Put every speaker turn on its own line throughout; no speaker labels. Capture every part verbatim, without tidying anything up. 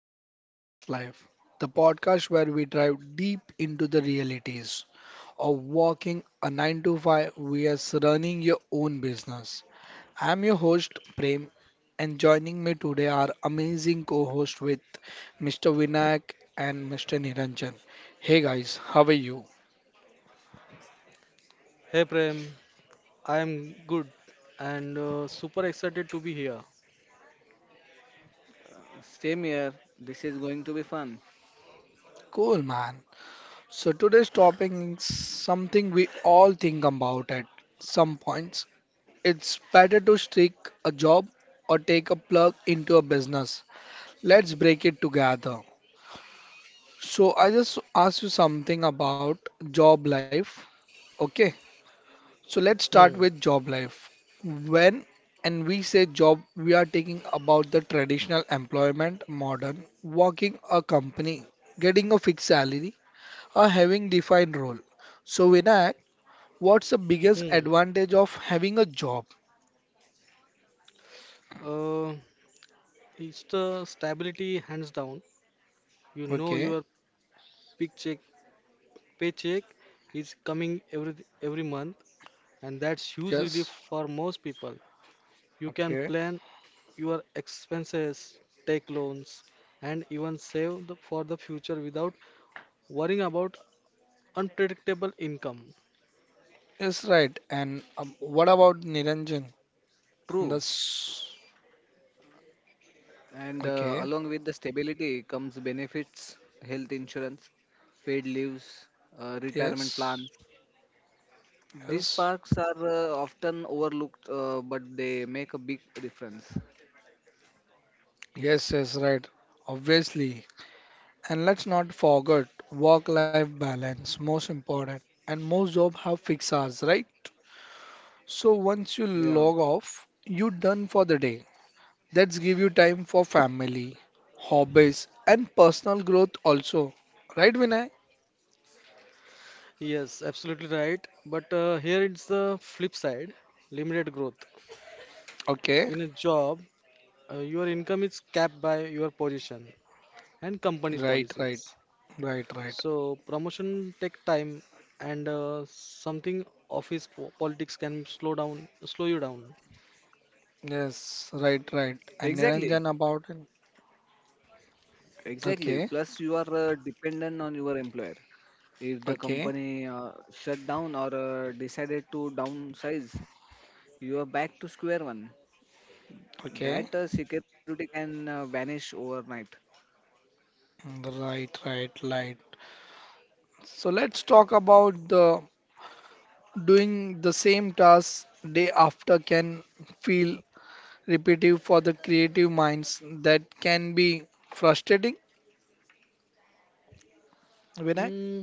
vs Business Life, the podcast where we dive deep into the realities of working a nine to five vs running your own business. I'm your host, Prem, and joining me today are amazing co host with mister Vinayak and mister Niranjan. Hey, guys, how are you?
Hey Prem, I am good and uh, super excited to be here.
Same here. This is going to be fun.
Cool, man. So today's topic is something we all think about at some points. It's better to stick a job or take a plug into a business. Let's break it together. So I just asked you something about job life. Okay. So let's
Hmm.
start with job life. When and we say job, we are talking about the traditional employment modern, working a company, getting a fixed salary, or having defined role. So Vinay, what's the biggest
Hmm.
advantage of having a job?
Uh, it's the stability hands down. You know
Okay,
your big check paycheck is coming every every month, and that's huge relief
yes,
for most people. You can
okay,
plan your expenses, take loans, and even save the, for the future without worrying about unpredictable income.
yes, right. And um, what about Niranjan? And
True.
that's
And uh,
okay,
Along with the stability comes benefits, health insurance, paid leaves, uh, retirement
yes,
plans. These
yes,
parks are uh, often overlooked, uh, but they make a big difference.
yes, yes, right, obviously. And let's not forget work-life balance, most important. And most jobs have fixed hours, right? So once you
Yeah,
log off, you done for the day. That's give you time for family, hobbies, and personal growth also. Right, Vinay?
Yes, absolutely right. But uh, here it's the flip side, limited growth.
Okay,
In a job, uh, your income is capped by your position and company's
right, right,
policies.
right, right.
So promotion take time, and uh, something office po- politics can slow down, slow you down.
Yes, right, right.
exactly.
And Niranjan about it.
Exactly. Plus,
Okay,
you are uh, dependent on your employer. If the
okay,
company uh, shut down or uh, decided to downsize, you are back to square one. that
okay.
uh, security can uh, vanish overnight.
Mm, right, right, right. So let's talk about the doing the same task day after can feel repetitive for the creative minds. That can be frustrating, Vinayak.
Mm,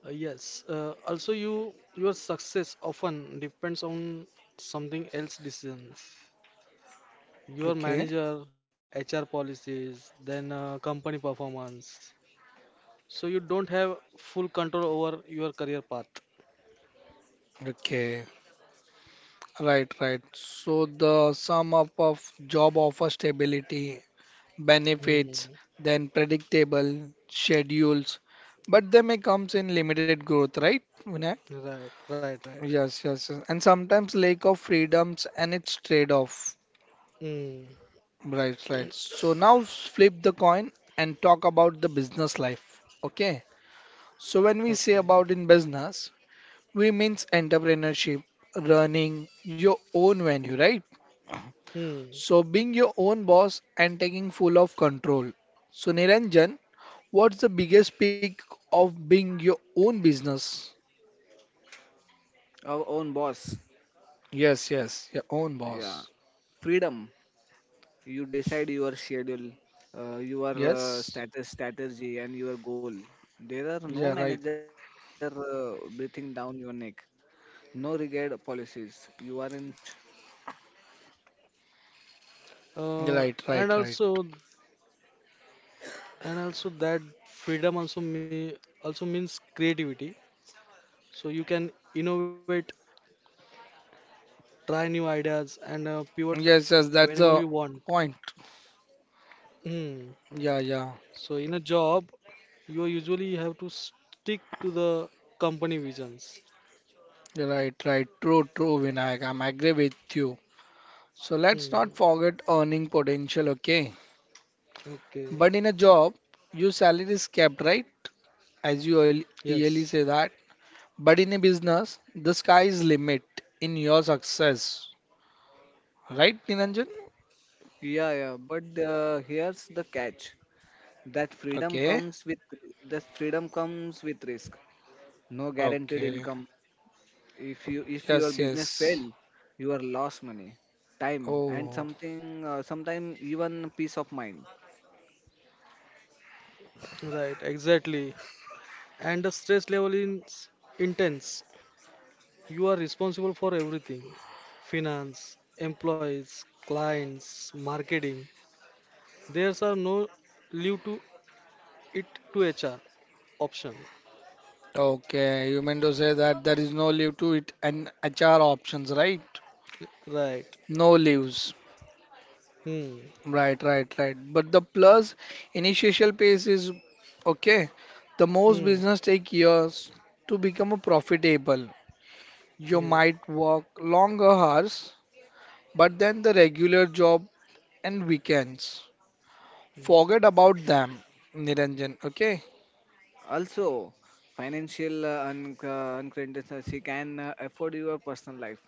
uh, yes. Uh, also, you your success often depends on something else decisions. Your
Okay,
manager, H R policies, then uh, company performance. So you don't have full control over your career path.
okay. Right, right. So the sum up of job offer stability benefits
Hmm.
than predictable schedules, but they may comes in limited growth, right, Vinay?
Right, right, right.
Yes, yes, yes. And sometimes lack of freedoms and its trade-off.
Hmm.
Right, right. So now flip the coin and talk about the business life. Okay. So when we
Okay.
say about in business, we means entrepreneurship, running your own venue, right?
Hmm.
So being your own boss and taking full of control. So Niranjan, what's the biggest peak of being your own business?
Our own boss,
Yes, yes, your own
yeah,
boss.
freedom. You decide your schedule, uh, your uh,
Yes.
status, strategy, and your goal. There are no
Yeah,
manager
right.
uh, breathing down your neck. No regard policies. You are in charge.
Yeah, right,
Uh,
right, right.
and also, and also that freedom also me also means creativity. So you can innovate, try new ideas, and uh, pivot
Yes, yes, that's
whenever you
the
want.
point.
Hmm.
Yeah, yeah.
So in a job, you usually have to stick to the company visions.
You're right, right. True, true, Vinayak. I'm agree with you. So let's
Hmm.
not forget earning potential, okay?
Okay.
But in a job, your salary is kept, right? As you earl-
Yes.
yearly say that. But in a business, the sky is limit in your success, right, Niranjan?
Yeah, yeah. But uh, here's the catch: that freedom
Okay.
comes with that freedom comes with risk. No guaranteed
Okay.
income, if you if your
Yes,
business fail
yes.
you are lost money time and
Oh,
something uh, sometime even peace of mind.
Right. Exactly. And the stress level is intense. You are responsible for everything: finance, employees, clients, marketing. There's are no leave to it to H R option.
okay. You meant to say that there is no leave to it and H R options, right?
Right.
No leaves.
Hmm.
Right, right, right. But the plus initial pace is okay. The most
Hmm.
business take years to become a profitable. You
Yeah.
might work longer hours, but then the regular job and weekends.
Hmm.
Forget about them, Niranjan. Okay.
Also, financial uh, un- uh, uncertainty can uh, afford your personal life,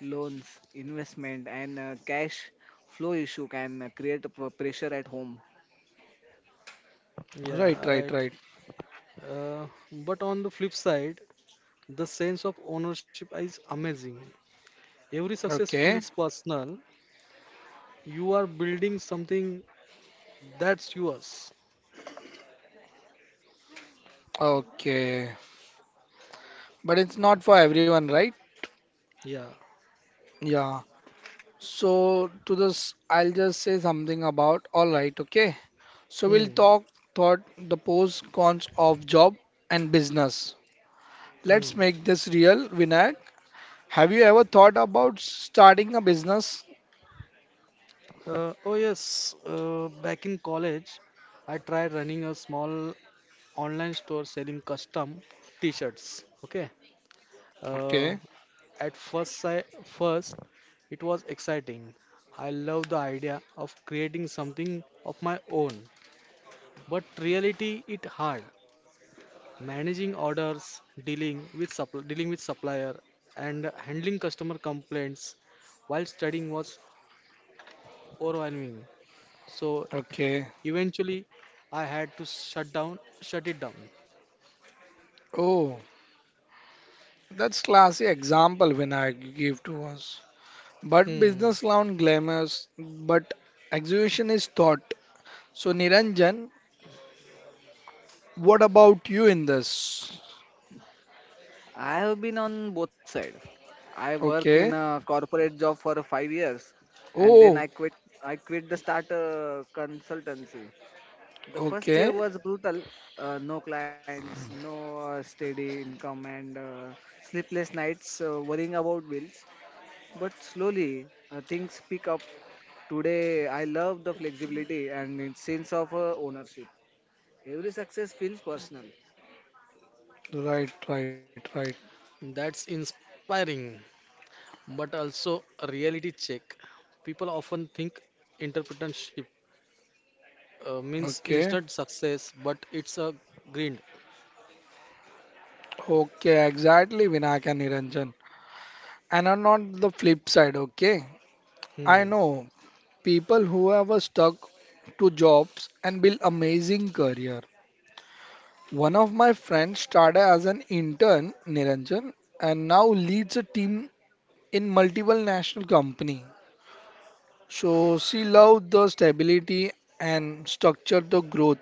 loans, investment, and uh, cash flow issue can uh, create a p- pressure at home.
Right,
Yeah.
right,
Right.
right.
Uh, but on the flip side, the sense of ownership is amazing. Every success
Okay.
feels personal. You are building something that's yours.
Okay. But it's not for everyone, right?
Yeah.
Yeah. So to this, I'll just say something about all right, okay? So
Hmm.
we'll talk thought the pros cons of job and business.
Hmm.
Let's make this real, Vinayak. Have you ever thought about starting a business?
Uh, oh yes. Uh, back in college, I tried running a small online store selling custom T-shirts. Okay. Uh,
Okay,
at first sight, First it was exciting. I love the idea of creating something of my own, but reality it hard. Managing orders, dealing with supp- dealing with supplier, and handling customer complaints while studying was overwhelming. So
okay.
eventually, I had to shut down, shut it down.
Oh, that's classy example Vinayak you gave to us. But business
Hmm,
sound glamorous, but execution is thought. So Niranjan, what about you in this?
I have been on both sides. I work in a
Okay.
corporate job for five years, and then i
Oh,
quit i quit the start a consultancy. The first year
okay.
was brutal. Uh, no clients, no uh, steady income, and uh, sleepless nights uh, worrying about bills. But slowly, uh, things pick up. Today, I love the flexibility and its sense of uh, ownership. Every success feels personal.
Right, right, right.
that's inspiring, but also a reality check. People often think entrepreneurship uh, means
Okay.
instant success, but it's a grind.
Okay, exactly, Vinayak and Niranjan. And on on the flip side, okay? I
Hmm.
know people who have a stuck to jobs and build amazing career. One of my friends started as an intern, Niranjan, and now leads a team in multiple national company. So she loved the stability and structure the growth.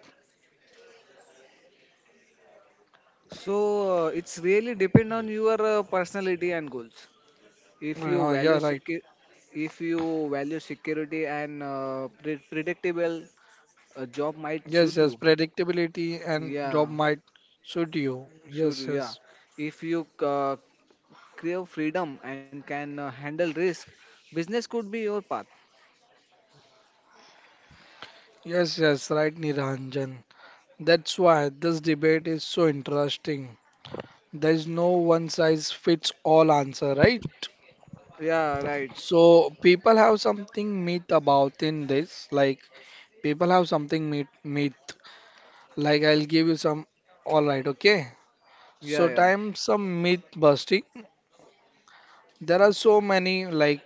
So, uh, it's really depend on your uh, personality and goals. If you
Uh,
value
yeah,
secure,
right.
if you value security and uh, pre- predictable, a job might
Yes,
suit
yes,
you.
predictability and
Yeah.
job might suit you.
Sure,
Yes,
yeah.
yes.
If you uh, crave freedom and can uh, handle risk, business could be your path.
Yes, yes, right, Niranjan. That's why this debate is so interesting. There is no one size fits all answer, right?
Yeah, right.
So people have something myth about in this. Like people have something myth, myth. Like I'll give you some. All right, okay. So
Yeah, yeah.
time some myth busting. There are so many like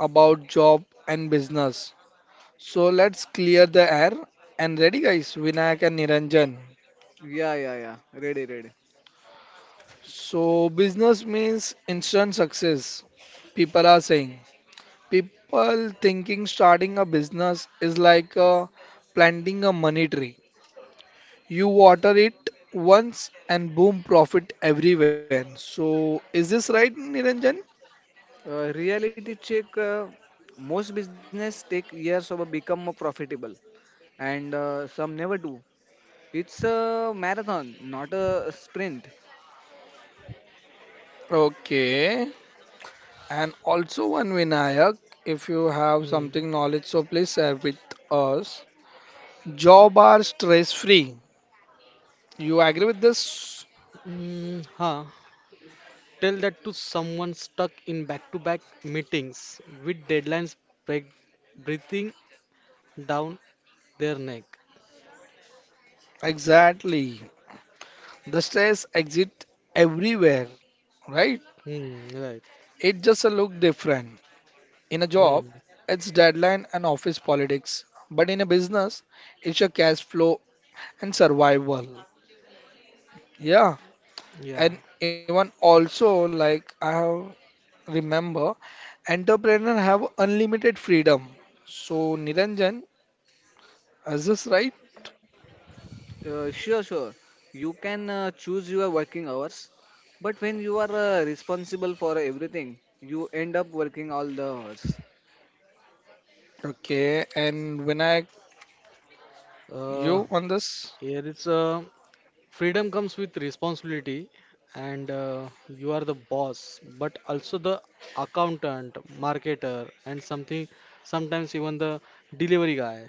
about job and business. So let's clear the air and ready guys, Vinayak and Niranjan.
Yeah, yeah, yeah. Ready, ready.
So business means instant success. People are saying. People thinking starting a business is like uh, planting a money tree. You water it once and boom profit everywhere. So is this right Niranjan?
Uh, reality check, uh, most business take years of become profitable and uh, some never do. It's a marathon, not a sprint.
Okay. And also one Vinayak, if you have
Hmm.
something knowledge so please share with us. Job are stress free. You agree with this?
Hmm. Huh. Tell that to someone stuck in back to back meetings with deadlines break, breathing down their neck.
Exactly. The stress exit everywhere, right?
Hmm, right.
It just a look different. In a job,
Hmm,
it's deadline and office politics, but in a business, it's your cash flow and survival. Yeah,
yeah.
and even also like I have remember, entrepreneur have unlimited freedom. So Niranjan, is this right?
Uh, sure, sure. You can uh, choose your working hours, but when you are uh, responsible for everything, you end up working all the hours.
Okay, and when I
Uh,
you on this?
Here it's uh, freedom comes with responsibility, and uh, you are the boss, but also the accountant, marketer, and something sometimes even the delivery guy.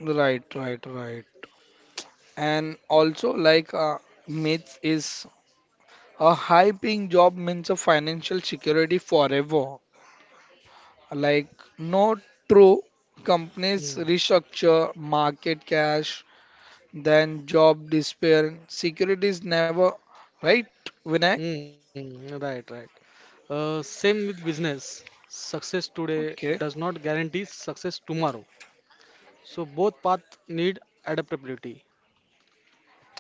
Right, right, right. And also, like uh, myth is a high paying job means a financial security forever. Like, no true companies
Hmm.
restructure market cash, then job despair. Security is never right, Vinayak?
Hmm, right, right. Uh, same with business. Success today
Okay,
does not guarantee success tomorrow. So both paths need adaptability.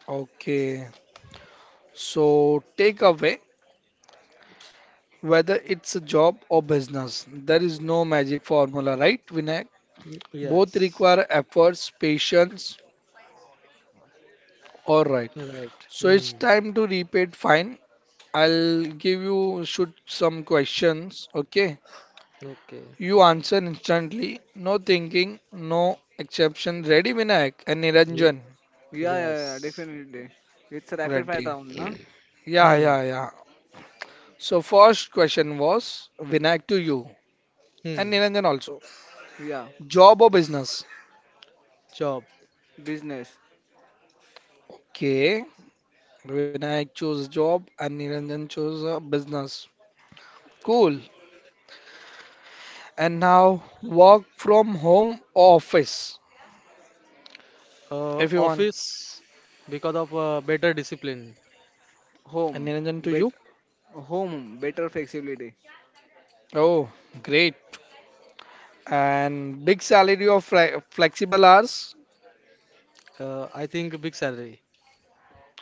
okay. So, take away whether it's a job or business, there is no magic formula, right, Vinayak?
Y-
Both
Yes,
require efforts, patience, or right.
right.
So it's
Hmm.
time to repeat. Fine. I'll give you shoot some questions. Okay.
Okay.
You answer instantly. No thinking. No exception. Ready, Vinayak and Niranjan?
Ye-
Yeah,
yes.
yeah, yeah, definitely. It's a rapid fire
Ready.
round, na?
Yeah, yeah,
Hmm.
yeah. So first question was Vinayak to you and
Hmm.
Niranjan also.
Yeah.
Job or business?
Job.
Business,
Okay. Vinayak chose job and Niranjan chose uh, business. Cool. And now work from home or office. If you
Uh,
want.
Office because of uh, better discipline.
And
home,
Niranjan to
bet,
you.
home, better flexibility,
Oh, great. And big salary of fle- flexible hours.
Uh, I think big salary.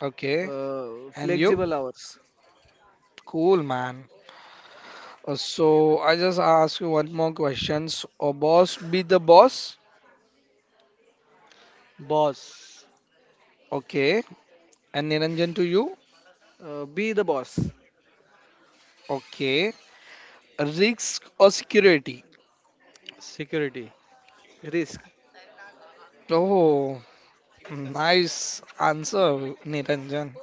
Okay.
uh,
And you?
flexible hours,
Cool, man. Uh, So I just ask you one more questions. A boss be the boss.
Boss.
Okay. And Niranjan to you.
uh, be the boss,
Okay. Risk or security?
Security.
risk,
Oh, nice answer, Niranjan.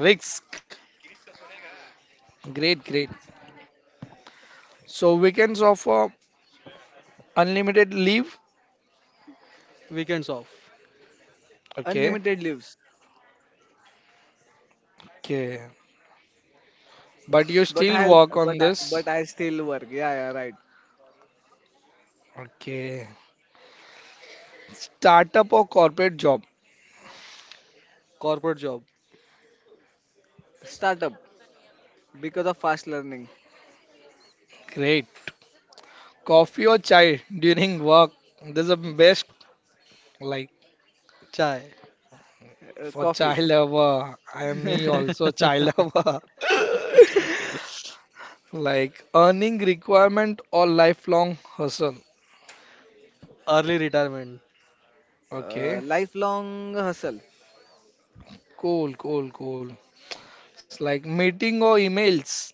Risk. Great, great. So weekends offer unlimited leave.
Weekends off.
Okay.
unlimited leaves.
Okay. But you
But
still
I'll,
work on
but I,
this.
but I still work. Yeah, yeah, right.
Okay. Startup or corporate job?
Corporate job.
Startup because of fast learning,
Great. Coffee or chai during work? This is the best. Like
Chai.
uh,
for chai
coffee,
lover, I am me also chai lover. Like earning requirement or lifelong hustle.
Early retirement.
uh,
Okay.
lifelong hustle,
Cool, cool, cool. It's like meeting or emails.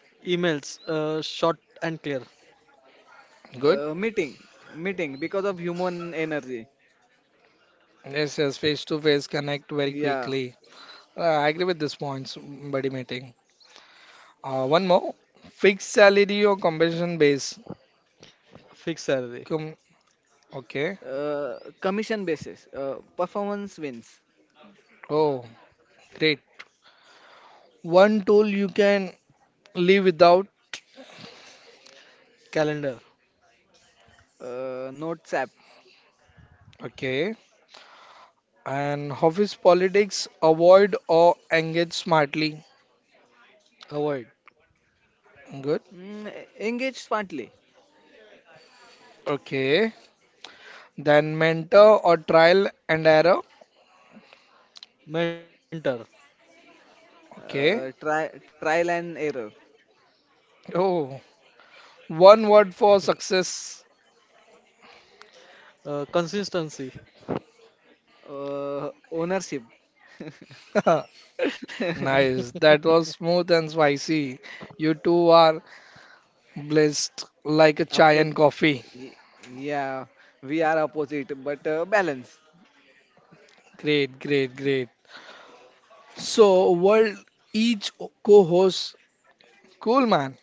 Emails, uh, short and clear.
Good.
uh, meeting, meeting because of human energy.
Yes, yes, face to face connect very
Yeah.
quickly. Uh, I agree with this points, buddy meeting. Uh, one more. Fixed salary or compensation base.
Fixed salary.
Com Okay.
Uh, commission basis, uh, performance wins,
Oh, great. One tool you can live without.
Calendar.
uh, notes app,
Okay. And office politics, avoid or engage smartly.
Avoid.
Good.
mm, engage smartly,
Okay. Then mentor or trial and error.
Mentor.
Okay.
uh, tri- trial and error,
Oh, one word for success.
Uh, consistency.
uh, ownership.
Nice. That was smooth and spicy. You two are blessed like a chai
Oppo-
and coffee.
y- yeah, we are opposite, but uh, balance.
Great, great, great. So, world each co-host Cool, man.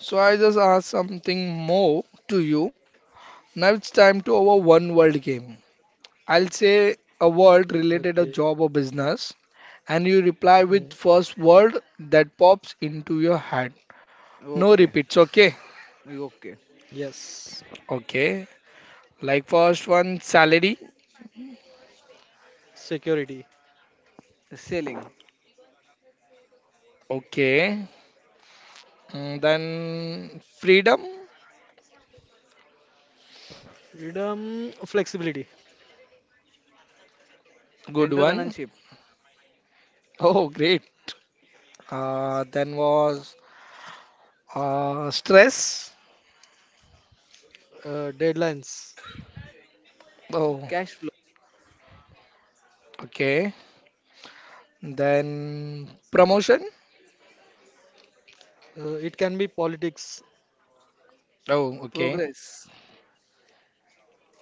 So I just asked something more to you. Now it's time to our one word game. I'll say a word
Okay.
related to job or business, and you reply
Mm,
with first word that pops into your head. No
Okay,
repeats, okay?
okay.
yes.
Okay. Like first one, salary.
Security.
Selling,
Okay. Mm, then freedom.
Freedom. Flexibility.
Good
entrepreneurship,
one. Oh, great. Uh, then was uh, Stress.
Uh, deadlines.
Oh,
cash flow,
okay. Then promotion.
Uh, it can be politics.
Oh, okay.
progress,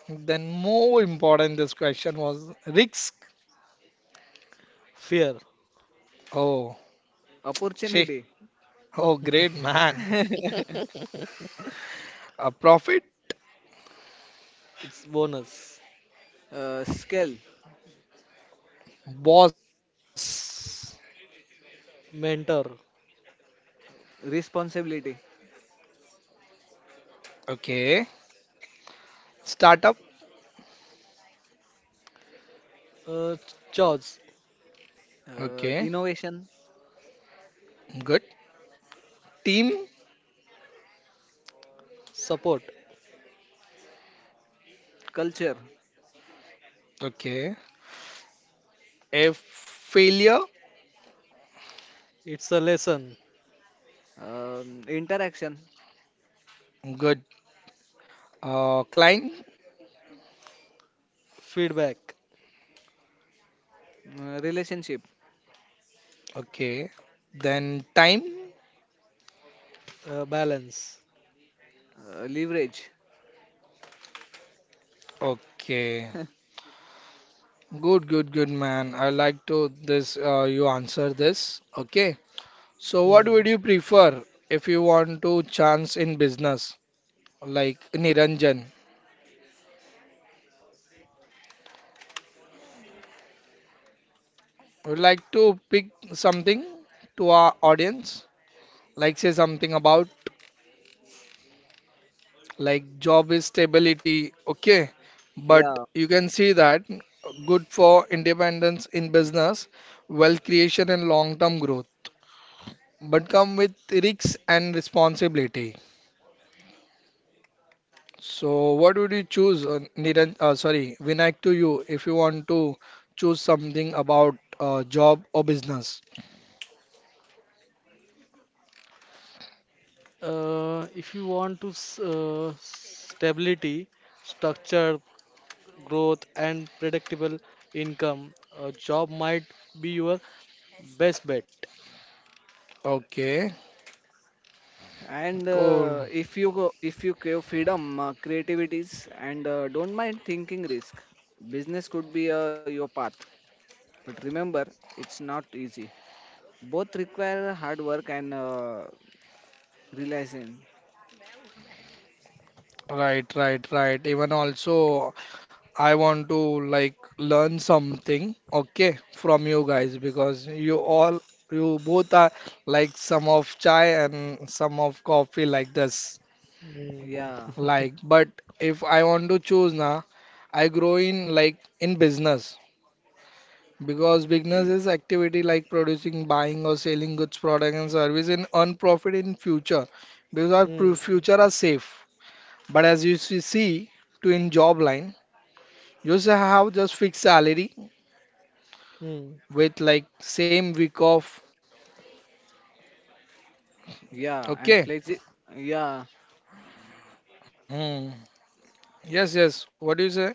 Then more important this question was risk.
Fear.
Oh, she.
opportunity,
Oh, great man. A profit.
It's bonus.
uh, scale,
Boss.
Mentor.
responsibility,
Okay. Startup.
Uh, Chores.
uh,
Okay.
innovation,
Good. Team.
Support.
culture,
Okay. A failure.
It's a lesson.
um, interaction,
Good. Uh, client.
Feedback.
uh, relationship,
Okay. Then time.
Uh, balance.
uh, leverage.
Okay. Good, good, good man. I like to this uh, you answer this. Okay. So, what
Mm.
would you prefer if you want to chance in business, like Niranjan? Would like to pick something to our audience, like say something about like job is stability, okay? But
Yeah.
you can see that good for independence in business, wealth creation and long-term growth, but come with risks and responsibility. So, what would you choose, uh, Niran, uh, sorry, Vinayak to you if you want to choose something about uh, job or business?
Uh, if you want to s- uh, stability, structure, growth, and predictable income, a job might be your best bet.
Okay,
And uh,
cool.
if you go if you crave freedom, uh, creativities, and uh, don't mind thinking risk, business could be uh, your path. But remember, it's not easy. Both require hard work and uh, realizing.
Right, right, right. Even also, I want to like learn something, okay, from you guys because you all, you both are like some of chai and some of coffee like this.
Hmm.
Yeah.
Like, but if I want to choose now, I grow in like in business. Because business is activity like producing, buying or selling goods, product and service in earn profit in future because our
Hmm.
pro- future are safe. But as you see, see to in job line, you just have just fixed salary
Hmm.
with like same week off.
Yeah, and
Okay.
flexi, yeah.
Hmm. Yes, yes. What do you say?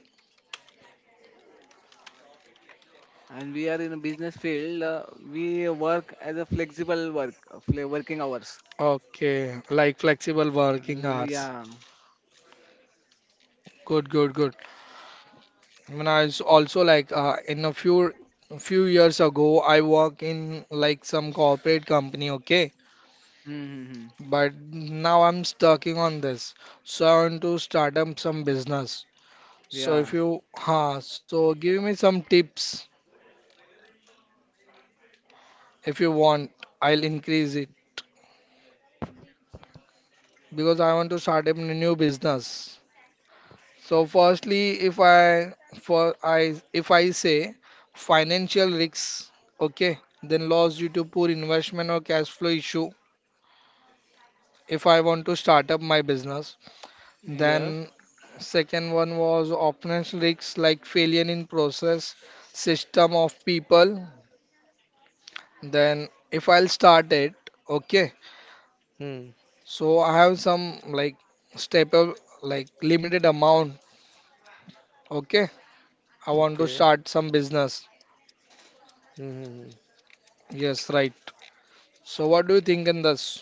And we are in a business field. Uh, we work as a flexible work, uh, fle- working hours.
Okay. Like flexible working
Uh,
hours.
yeah.
Good, good, good. I mean, I s- also like uh, in a few few years ago, I work in like some corporate company. Okay.
Mm-hmm.
But now I'm stucking on this. So I want to start up some business. So
Yeah.
if you, huh, so give me some tips if you want. I'll increase it because I want to start up a new business. So firstly, if I for I if I say financial risks, okay, then loss due to poor investment or cash flow issue. If I want to start up my business,
Yes.
then second one was operational risks like failure in process, system of people. Then if I'll start it, okay.
Hmm.
So I have some like step up like limited amount. Okay. I want to
Okay.
start some business.
Hmm.
Yes, right. So what do you think in this?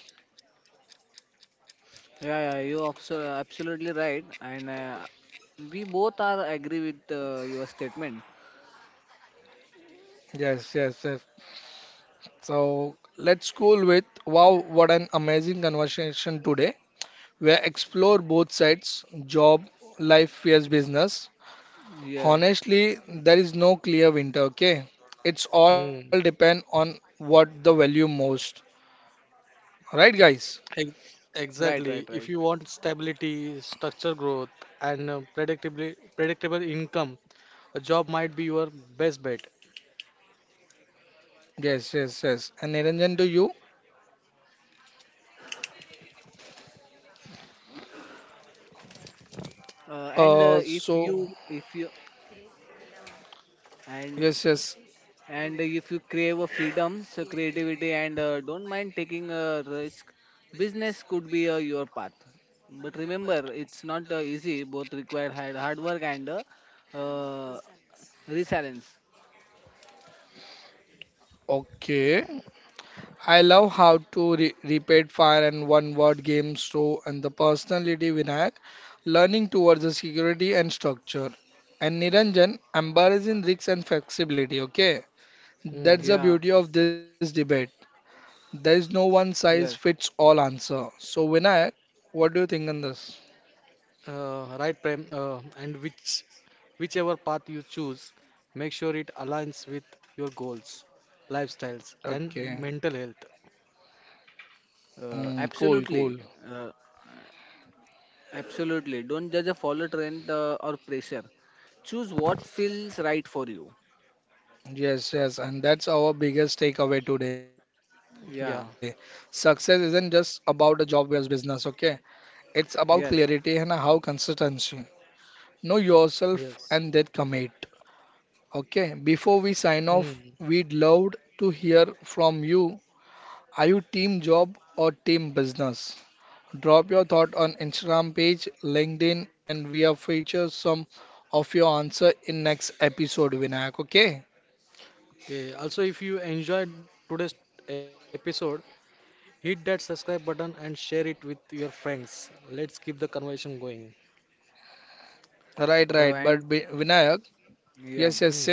Yeah, yeah, you abso- absolutely right, and uh, we both are agree with uh, your statement.
Yes, yes, yes. So let's go with wow, what an amazing conversation today. We explore both sides, job, life, yes, business.
Yes,
Honestly, there is no clear winter, okay? It's all depend
Hmm.
on what the value most. Right, guys?
Ex-
right, right,
Exactly.
right.
If you want stability, structure growth, and predictable predictable income, a job might be your best bet.
Yes, yes, yes. And Niranjan to you.
Uh, and uh,
Uh,
if
so
you, if you, and
yes, yes.
and if you crave a freedom, so creativity, and uh, don't mind taking a risk, business could be uh, your path. But remember, it's not uh, easy. Both require hard, hard work and uh, uh, resilience.
Okay. I love how to re repeat fire and one word games so and the personality Vinayak, learning towards the security and structure. And Niranjan, embarrassing risks and flexibility, okay? That's
Hmm.
the
Yeah.
beauty of this debate. There is no one size
Yes.
fits all answer. So, Vinayak, what do you think on this?
Uh, right, Prem, uh, and which whichever path you choose, make sure it aligns with your goals, lifestyles, and
Okay,
mental health.
Uh,
mm, cool, cool.
absolutely. Uh, Absolutely. Don't judge a follow trend uh, or pressure. Choose what feels right for you.
Yes, yes, and that's our biggest takeaway today. Success
Yeah.
isn't
Yeah.
just about a job versus business, okay? It's about clarity and how
Yes.
consistency. Know yourself and then
Yes.
commit, okay? Before we sign off,
Hmm.
we'd love to hear from you. Are you team job or team business? Drop your thought on Instagram page, LinkedIn, and we are feature some of your answer in next episode, Vinayak. Okay?
Okay. Also, if you enjoyed today's episode, hit that subscribe button and share it with your friends. Let's keep the conversation going.
Right, right. But
Uh,
Vi-
and
Vinayak, yes, yes,
Yeah.
say.
Hmm.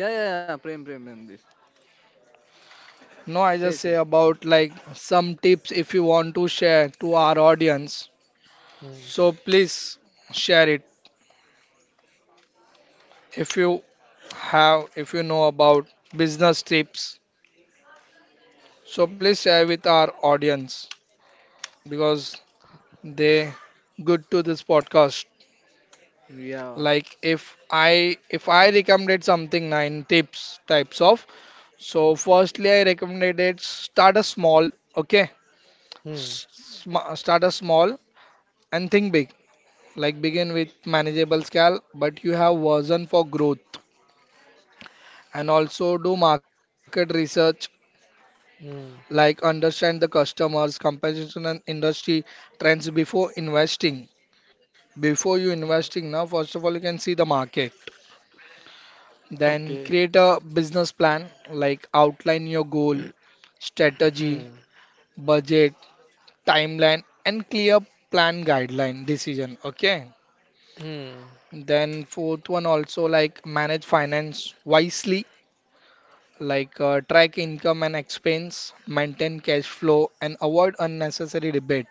Yeah, yeah, yeah. Prem, Prem, Prem. This.
No, I just
Say,
say
say.
about like some tips if you want to share to our audience.
Hmm.
So please share it if you have, if you know about business tips. So please share with our audience because they good to this podcast.
Yeah.
Like if i if i recommended something nine tips types of. So firstly I recommended start a small. Okay.
Hmm.
S- sma- start a small and think big, like begin with manageable scale, but you have version for growth. And also do market research,
Hmm.
like understand the customers competition and industry trends before investing, before you
Yeah.
investing. Now first of all you can see the market. Then
Okay.
create a business plan, like outline your goal,
Hmm.
strategy, budget, timeline, and clear plan guideline decision. Okay.
Hmm.
Then fourth one also, like manage finance wisely, like uh, track income and expense, maintain cash flow, and avoid unnecessary debate.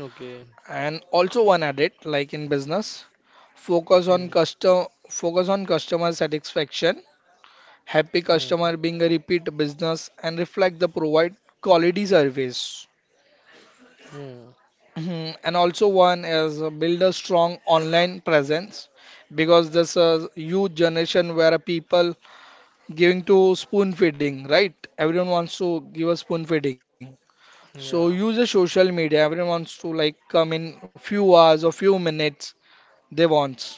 Okay.
And also one added, like in business, focus on
Hmm.
custom focus on customer satisfaction. Happy
Hmm.
customer being a repeat business and reflect the provide quality service.
Hmm.
Mhm. And also one is uh, build a strong online presence, because this is huge generation where people giving to spoon feeding, right? Everyone wants to give a spoon feeding. So
Yeah.
use a social media. Everyone wants to like come in few hours or few minutes, they want.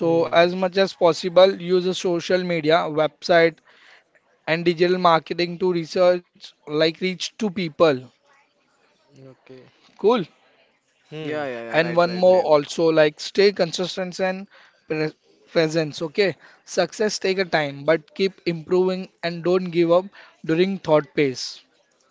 So as much as possible use a social media, website, and digital marketing to research, like reach to people.
Okay.
Cool.
Hmm.
Yeah, yeah, yeah.
And one
Right, right,
more
right.
also, like stay consistent and pre- presence. Okay. Success take a time, but keep improving and don't give up during thought pace.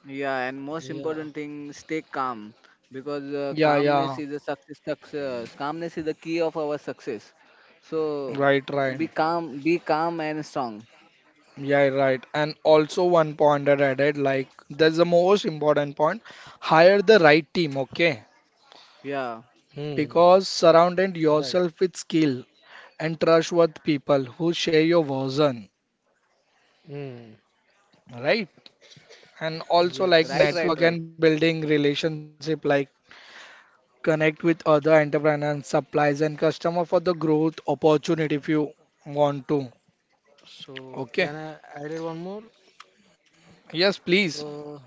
Yeah. And most
Yeah.
important thing, stay calm because uh,
Yeah, yeah.
calmness is a success. Success. Calmness is the key of our success. So
Right, right.
be calm, be calm and strong.
Yeah, right. And also one point that I added, like that's the most important point. Hire the right team, okay?
Yeah.
Hmm.
Because surrounded
Right.
yourself with skill and trustworthy people who share your vision,
Hmm.
right? And also
Right,
like
right,
Yes.
right.
network and building relationship, like connect with other entrepreneurs, suppliers and customer for the growth opportunity if you want to.
So
Okay.
can I add it one more?
Yes, please.
Uh,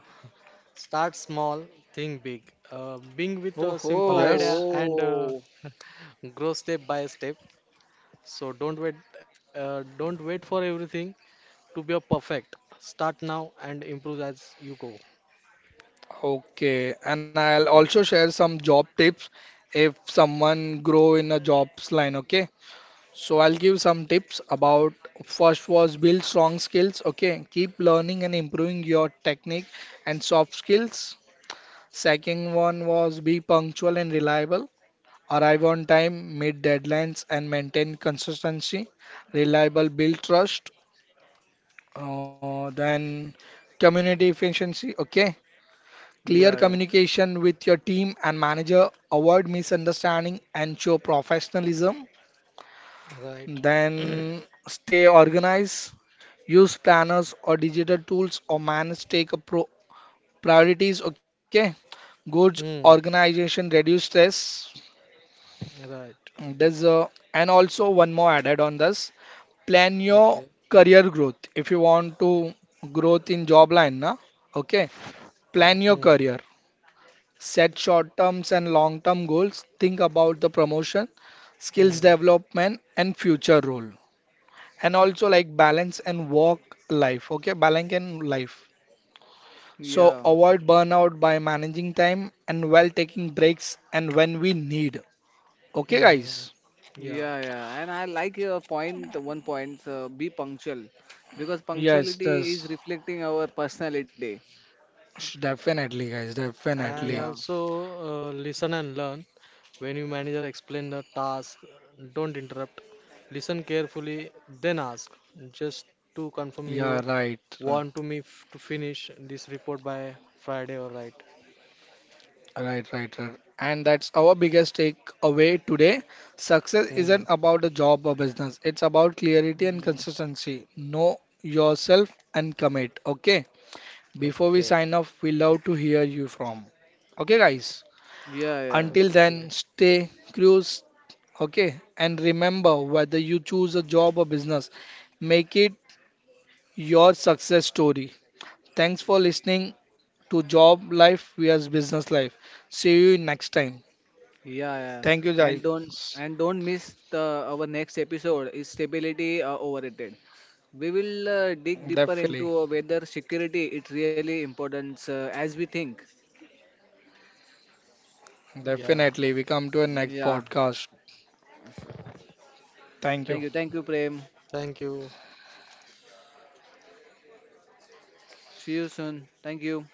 Start small, think big. Uh, being with
Oh,
a simple idea
Yes.
and uh,
ho. Oh.
grow step by step. So don't wait. Uh, don't wait for everything to be a perfect. Start now and improve as you go.
Okay. And I'll also share some job tips if someone grow in a jobs line. Okay. So I'll give some tips about. First was build strong skills. Okay. Keep learning and improving your technique and soft skills. Second one was be punctual and reliable. Arrive on time, meet deadlines, and maintain consistency, reliable build trust, uh, then community efficiency, okay? Clear
Yeah, yeah.
communication with your team and manager, avoid misunderstanding and show professionalism,
Right.
then stay organized, use planners or digital tools or manage take a pro priorities, okay? Good
Hmm.
organization, reduce stress.
Right.
Mm, There's uh, and also one more added on this. Plan your
Okay.
career growth. If you want to growth in job line, na? Okay. Plan your
Hmm.
career. Set short terms and long term goals. Think about the promotion, skills
Hmm.
development, and future role. And also like balance and work life. Okay, balance and life. So
Yeah,
avoid burnout by managing time and while taking breaks and when we need. Okay,
Hmm.
guys.
Yeah.
yeah, yeah. And I like your point, one point, uh, be punctual because
Yes,
punctuality
yes.
is reflecting our personality.
Sh- Definitely, guys,
And
Yeah.
definitely.
also uh, listen and learn. When your manager explain the task, don't interrupt. Listen carefully, then ask. Just to
Yeah,
confirm you
right, uh,
want to me f- to finish this report by Friday, all right?
right, right, right. And that's our biggest takeaway today. Success
Hmm.
isn't about a job or business, it's about clarity and
Mm.
consistency. Know yourself and commit. Okay, before we
Okay.
sign off, we love to hear you from. Okay, guys,
Yeah, yeah.
until
Okay.
then, stay cruise. Okay, and remember whether you choose a job or business, make it your success story. Thanks for listening to job life vs business life. See you next time.
Yeah, yeah.
Thank you,
And
guys.
don't and don't miss the our next episode is stability uh, overrated. We will uh, dig deeper
Definitely.
into uh, whether security is really important uh, as we think.
Yeah.
Definitely. We come to a next
Yeah.
podcast. Thank
Thank
you.
you. Thank you, Prem.
Thank you.
See you soon. Thank you.